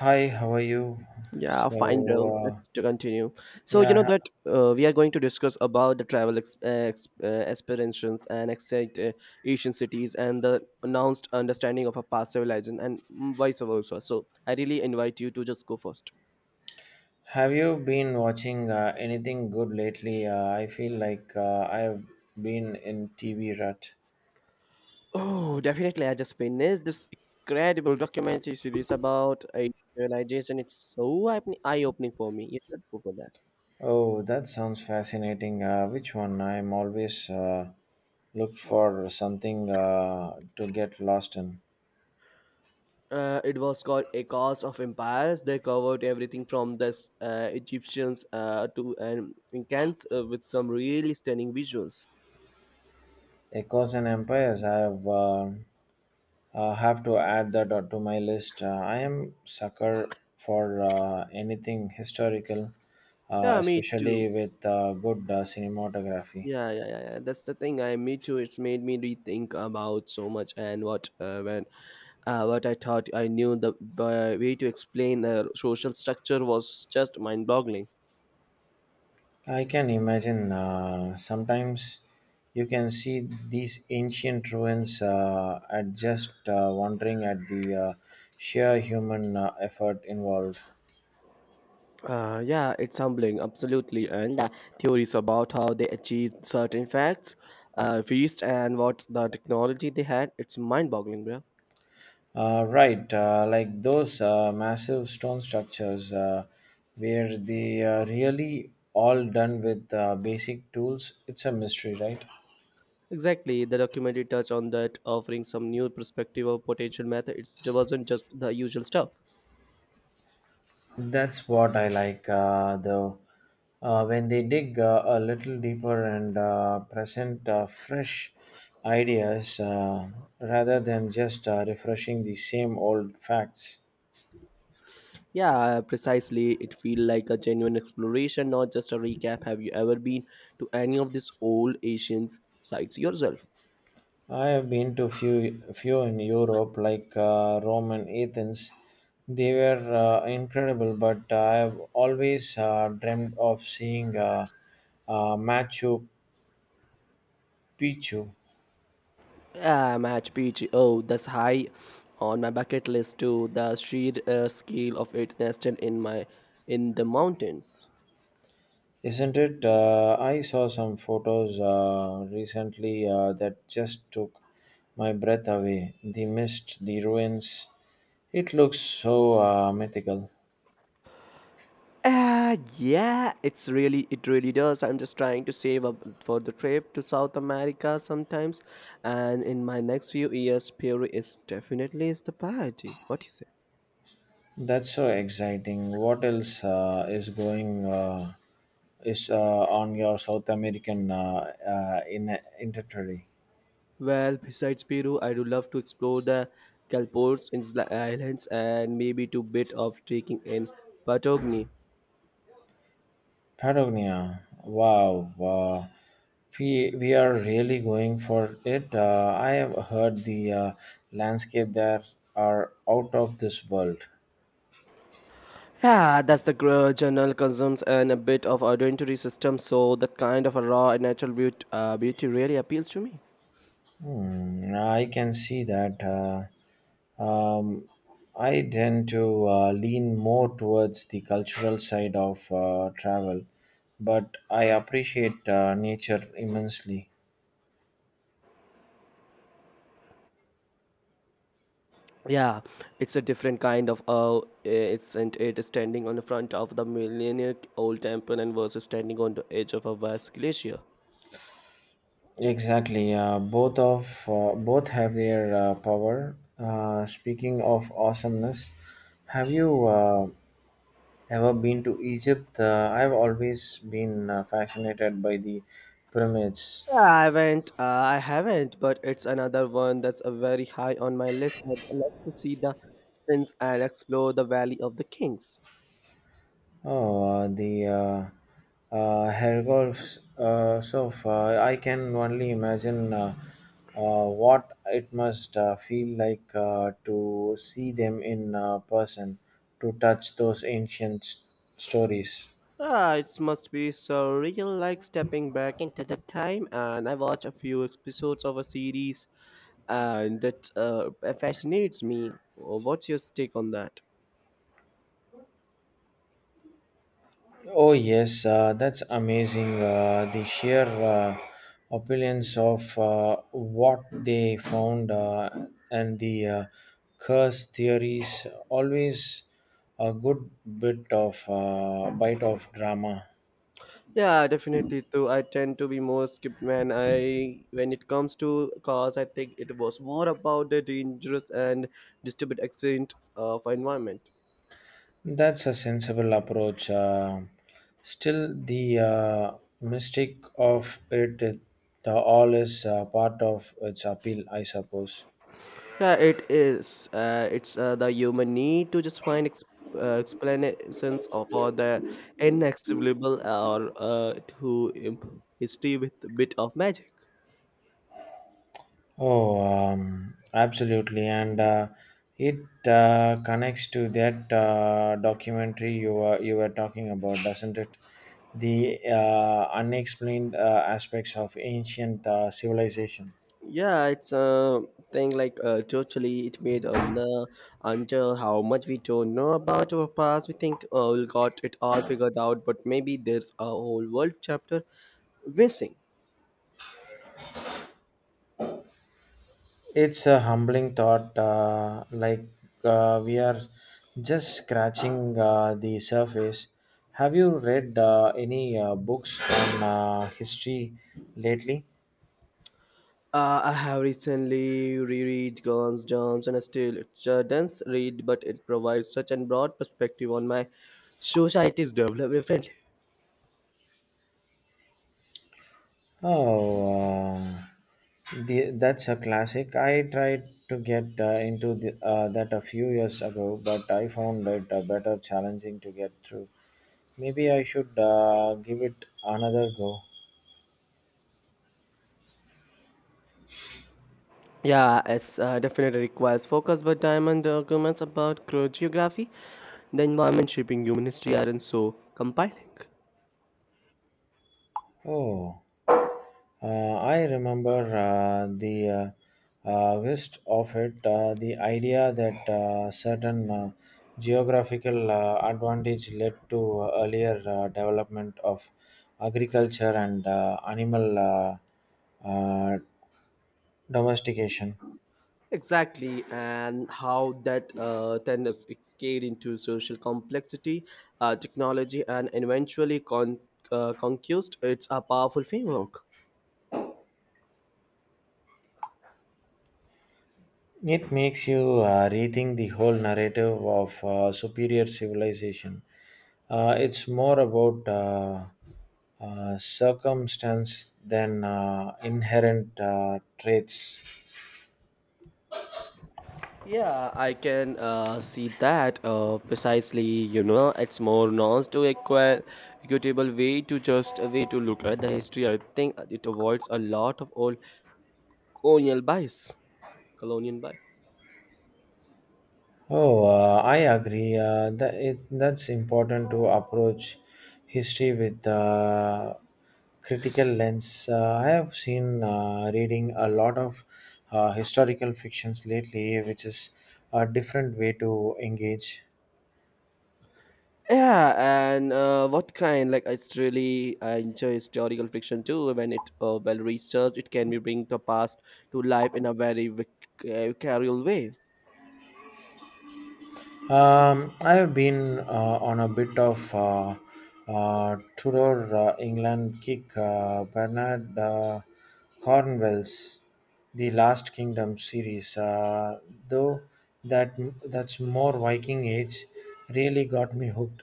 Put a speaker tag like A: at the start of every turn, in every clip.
A: Hi, how are you?
B: Yeah,
A: So,
B: fine, bro.
A: uh,
B: Let's to continue. So you
A: yeah,
B: know
A: ha-
B: that we are going to discuss about the travel experiences and excite Asian cities and the announced understanding of a past civilization and vice versa. So I really invite you to just go first.
A: have you been watching anything good lately? I feel like I've been in TV rut.
B: Oh, definitely. I just finished this incredible documentary series about Asian civilization. It's so eye opening for me. You should go for that.
A: Oh, that sounds fascinating. Which one? I'm always looked for something to get lost in.
B: It was called A Cause of Empires. They covered everything from the Egyptians to Incans with some really stunning visuals.
A: Echoes and Empires. I've have to add that to my list. I am sucker for anything historical,
B: Yeah, me too.
A: especially with good cinematography.
B: Yeah, yeah, yeah, yeah. That's the thing. I me too. It's made me rethink about so much and what I thought I knew the way to explain social structure was just mind-boggling.
A: I can imagine sometimes you can see these ancient ruins at just wondering at the sheer human effort involved.
B: Yeah, it's humbling, absolutely. And Theories about how they achieved certain facts, feast, and what the technology they had, it's mind boggling, bro.
A: Right, like those massive stone structures where they are really all done with basic tools. It's a mystery, right?
B: Exactly, the documentary touched on that, offering some new perspective of potential method. It wasn't just the usual stuff.
A: That's what I like, though. When they dig a little deeper and present fresh ideas, rather than just refreshing the same old facts.
B: Yeah, precisely. It feel like a genuine exploration, not just a recap. Have you ever been to any of these old Asian sites yourself?
A: I have been to few in Europe, like Rome and Athens. They were incredible, but I have always dreamed of seeing Machu Picchu.
B: Yeah, Machu Picchu. Oh, that's high on my bucket list too. The sheer scale of it nested in my in the mountains.
A: Isn't it? I saw some photos recently that just took my breath away. The mist, the ruins. It looks so mythical.
B: Yeah, it really does. I'm just trying to save up for the trip to South America sometimes. And in my next few years, Peru is definitely is the priority. What do you say?
A: That's so exciting. What else is going is on your South American in inventory?
B: Well, besides Peru, I would love to explore the Galapagos Islands and maybe to bit of trekking in Patagonia.
A: Patagonia. Wow. We are really going for it. I have heard the landscape there are out of this world.
B: Yeah, that's the journal consumes and a bit of identity system, so that kind of a raw and natural beauty, beauty really appeals to me.
A: Hmm, I can see that. Um, I tend to lean more towards the cultural side of travel, but I appreciate nature immensely.
B: Yeah, it's a different kind of it's and it is standing on the front of the millennia old temple and versus standing on the edge of a vast glacier.
A: Exactly. Both have their power. Speaking of awesomeness, have you ever been to Egypt? I've always been fascinated by the pyramids.
B: Yeah, I haven't, but it's another one that's a very high on my list. I'd like to see the spins and explore the Valley of the Kings.
A: Oh, the Hergolf's surf. I can only imagine what it must feel like to see them in person, to touch those ancient stories.
B: Ah, it must be surreal like stepping back into the time and I watch a few episodes of a series and that fascinates me. Well, what's your take on that?
A: Oh yes, that's amazing. The sheer opulence of what they found and the curse theories always a good bit of, bite of drama.
B: Yeah, definitely too. I tend to be more skip when it comes to cars, I think it was more about the dangerous and disturbed accident of environment.
A: That's a sensible approach. Still, the mystic of it, it all is part of its appeal, I suppose.
B: Yeah, it is. It's The human need to just find explanations of all the inexplicable or history with a bit of magic.
A: Oh, Absolutely. And it connects to that documentary you were talking about, doesn't it? The unexplained aspects of ancient civilization.
B: Yeah, it's a thing like totally it made on until how much we don't know about our past. We got it all figured out, but maybe there's a whole world chapter missing.
A: It's a humbling thought, like we are just scratching the surface. Have you read any books on history lately?
B: I have recently reread Guns, Germs, and Steel. It's a dense read, but it provides such a broad perspective on my society's development. Friendly.
A: Oh, that's a classic. I tried to get that a few years ago, but I found it better challenging to get through. Maybe I should give it another go.
B: Yeah, it's definitely requires focus, but diamond arguments about geography, the environment shaping human history aren't so compelling.
A: Oh. I remember the gist of it, the idea that certain geographical advantage led to earlier development of agriculture and animal uh, domestication.
B: Exactly, and how that then is scaled into social complexity, technology, and eventually conquest. It's a powerful framework.
A: It makes you rethink the whole narrative of superior civilization. It's more about circumstance than inherent traits.
B: Yeah, I can see that precisely. You know, it's more nuanced to equitable way to just a way to look at the history. I think it avoids a lot of old colonial bias, colonial bias.
A: Oh, I agree. That's important to approach history with critical lens. I have seen reading a lot of historical fictions lately, which is a different way to engage.
B: Yeah, and what kind? Like, it's really I enjoy historical fiction too. When it well researched, it can be bring the past to life in a very vicarial way.
A: I have been on a bit of Tudor England kick. Bernard Cornwell's The Last Kingdom series, though that that's more Viking Age, really got me hooked.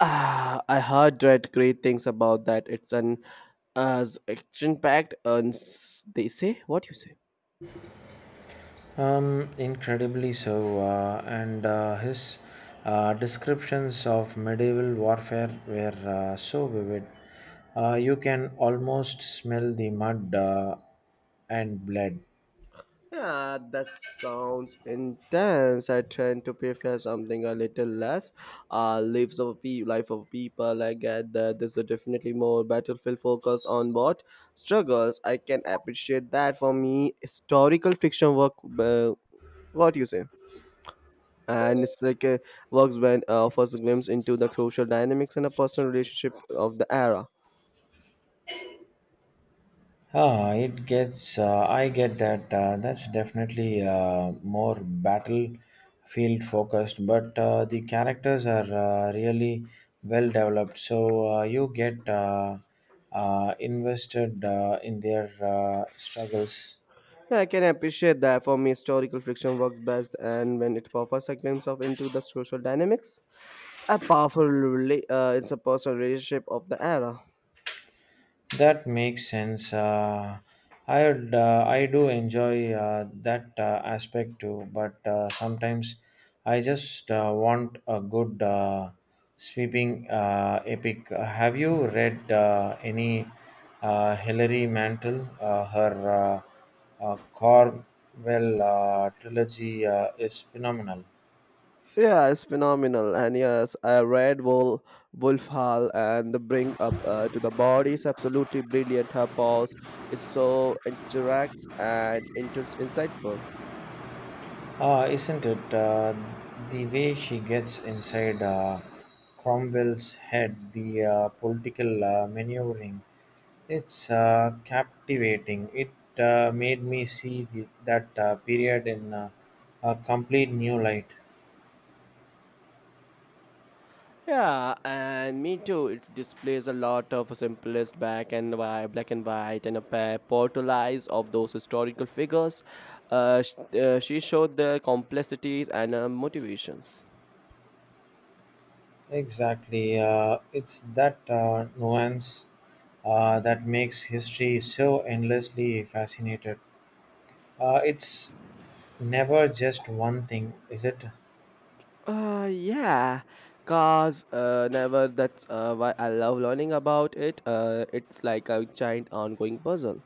B: Ah, I heard read great things about that. It's an as action packed and they say what you say.
A: Incredibly so, and his descriptions of medieval warfare were so vivid. You can almost smell the mud and blood.
B: Yeah, that sounds intense. I tend to prefer something a little less. Life of people. I get that this is definitely more battlefield focus on what struggles. I can appreciate that. For me, historical fiction work. What you say? And it's like a works band offers a glimpse into the social dynamics and a personal relationship of the era.
A: Ah, it gets. I get that. That's definitely more battlefield focused, but the characters are really well developed. So you get invested in their struggles.
B: Yeah, I can appreciate that. For me, historical fiction works best, and when it offers a glimpse of into the social dynamics, a powerful it's a personal relationship of the era.
A: That makes sense. I do enjoy that aspect too, but sometimes I just want a good sweeping epic. Have you read any Hilary Mantel? Her Cornwell trilogy is phenomenal.
B: Yeah, it's phenomenal, and yes, Wolf Hall and the bring up to the body is absolutely brilliant. Her pause is so interacts and insightful.
A: Isn't it? The way she gets inside Cromwell's head, the political maneuvering, it's captivating. It made me see the, that period in a complete new light.
B: Yeah, and me too. It displays a lot of simplest black and white, and a pair portraits of those historical figures. Uh, sh- she showed their complexities and motivations.
A: Exactly. It's that nuance that makes history so endlessly fascinated. It's never just one thing, is it?
B: Yeah, cause never. That's why I love learning about it. It's like a giant ongoing puzzle.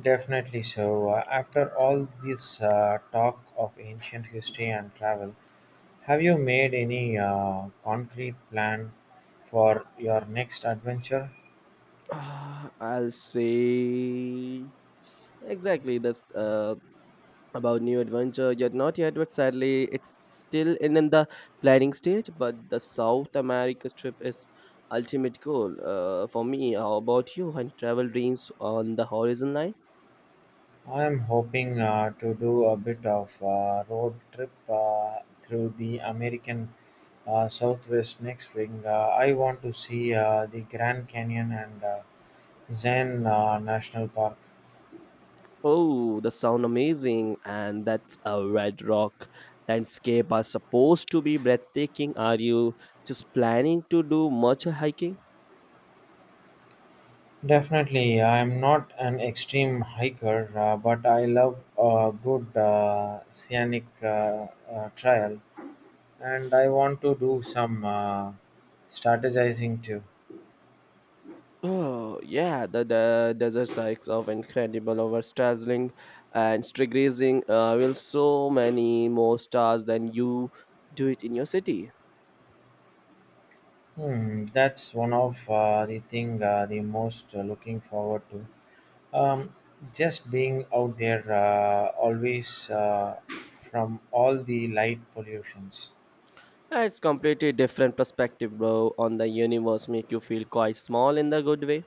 A: Definitely so. After all this talk of ancient history and travel, have you made any concrete plan for your next adventure?
B: I'll say exactly. That's about new adventure yet not yet but sadly it's still in the planning stage but the south america trip is ultimate goal for me how about you any travel dreams on the horizon line
A: I am hoping to do a bit of road trip through the American Southwest next spring. I want to see the Grand Canyon and Zen National Park.
B: oh the sound amazing and that's a red rock landscape are supposed to be breathtaking are you just planning to do much hiking.
A: Definitely, I'm not an extreme hiker, but I love a good scenic trail, and I want to do some strategizing too.
B: Oh yeah, the desert hikes of incredible over dazzling and stargazing will so many more stars than you do it in your city.
A: Hmm, that's one of the most looking forward to. Um, just being out there, always from all the light pollutions.
B: It's completely different perspective, bro, on the universe. Make you feel quite small in the good way.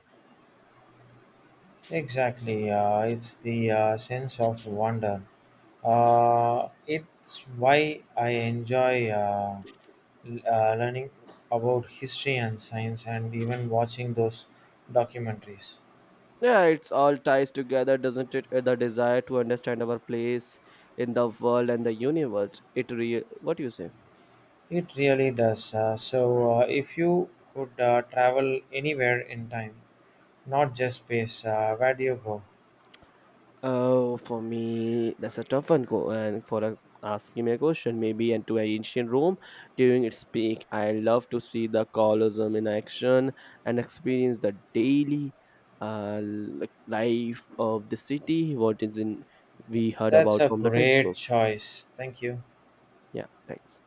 A: Exactly, it's the sense of wonder. It's why I enjoy learning about history and science and even watching those documentaries.
B: Yeah, it's all ties together, doesn't it? The desire to understand our place in the world and the universe. It real. What do you say?
A: It really does. So, if you could travel anywhere in time, not just space, where do you go?
B: Oh, for me, that's a tough one. Go and for a, asking me a question, maybe and to ancient Rome during its peak. I love to see the Colosseum in action and experience the daily life of the city. What is in we heard
A: That's
B: about
A: a
B: from the
A: great
B: textbook.
A: choice. Thank you.
B: Yeah, thanks.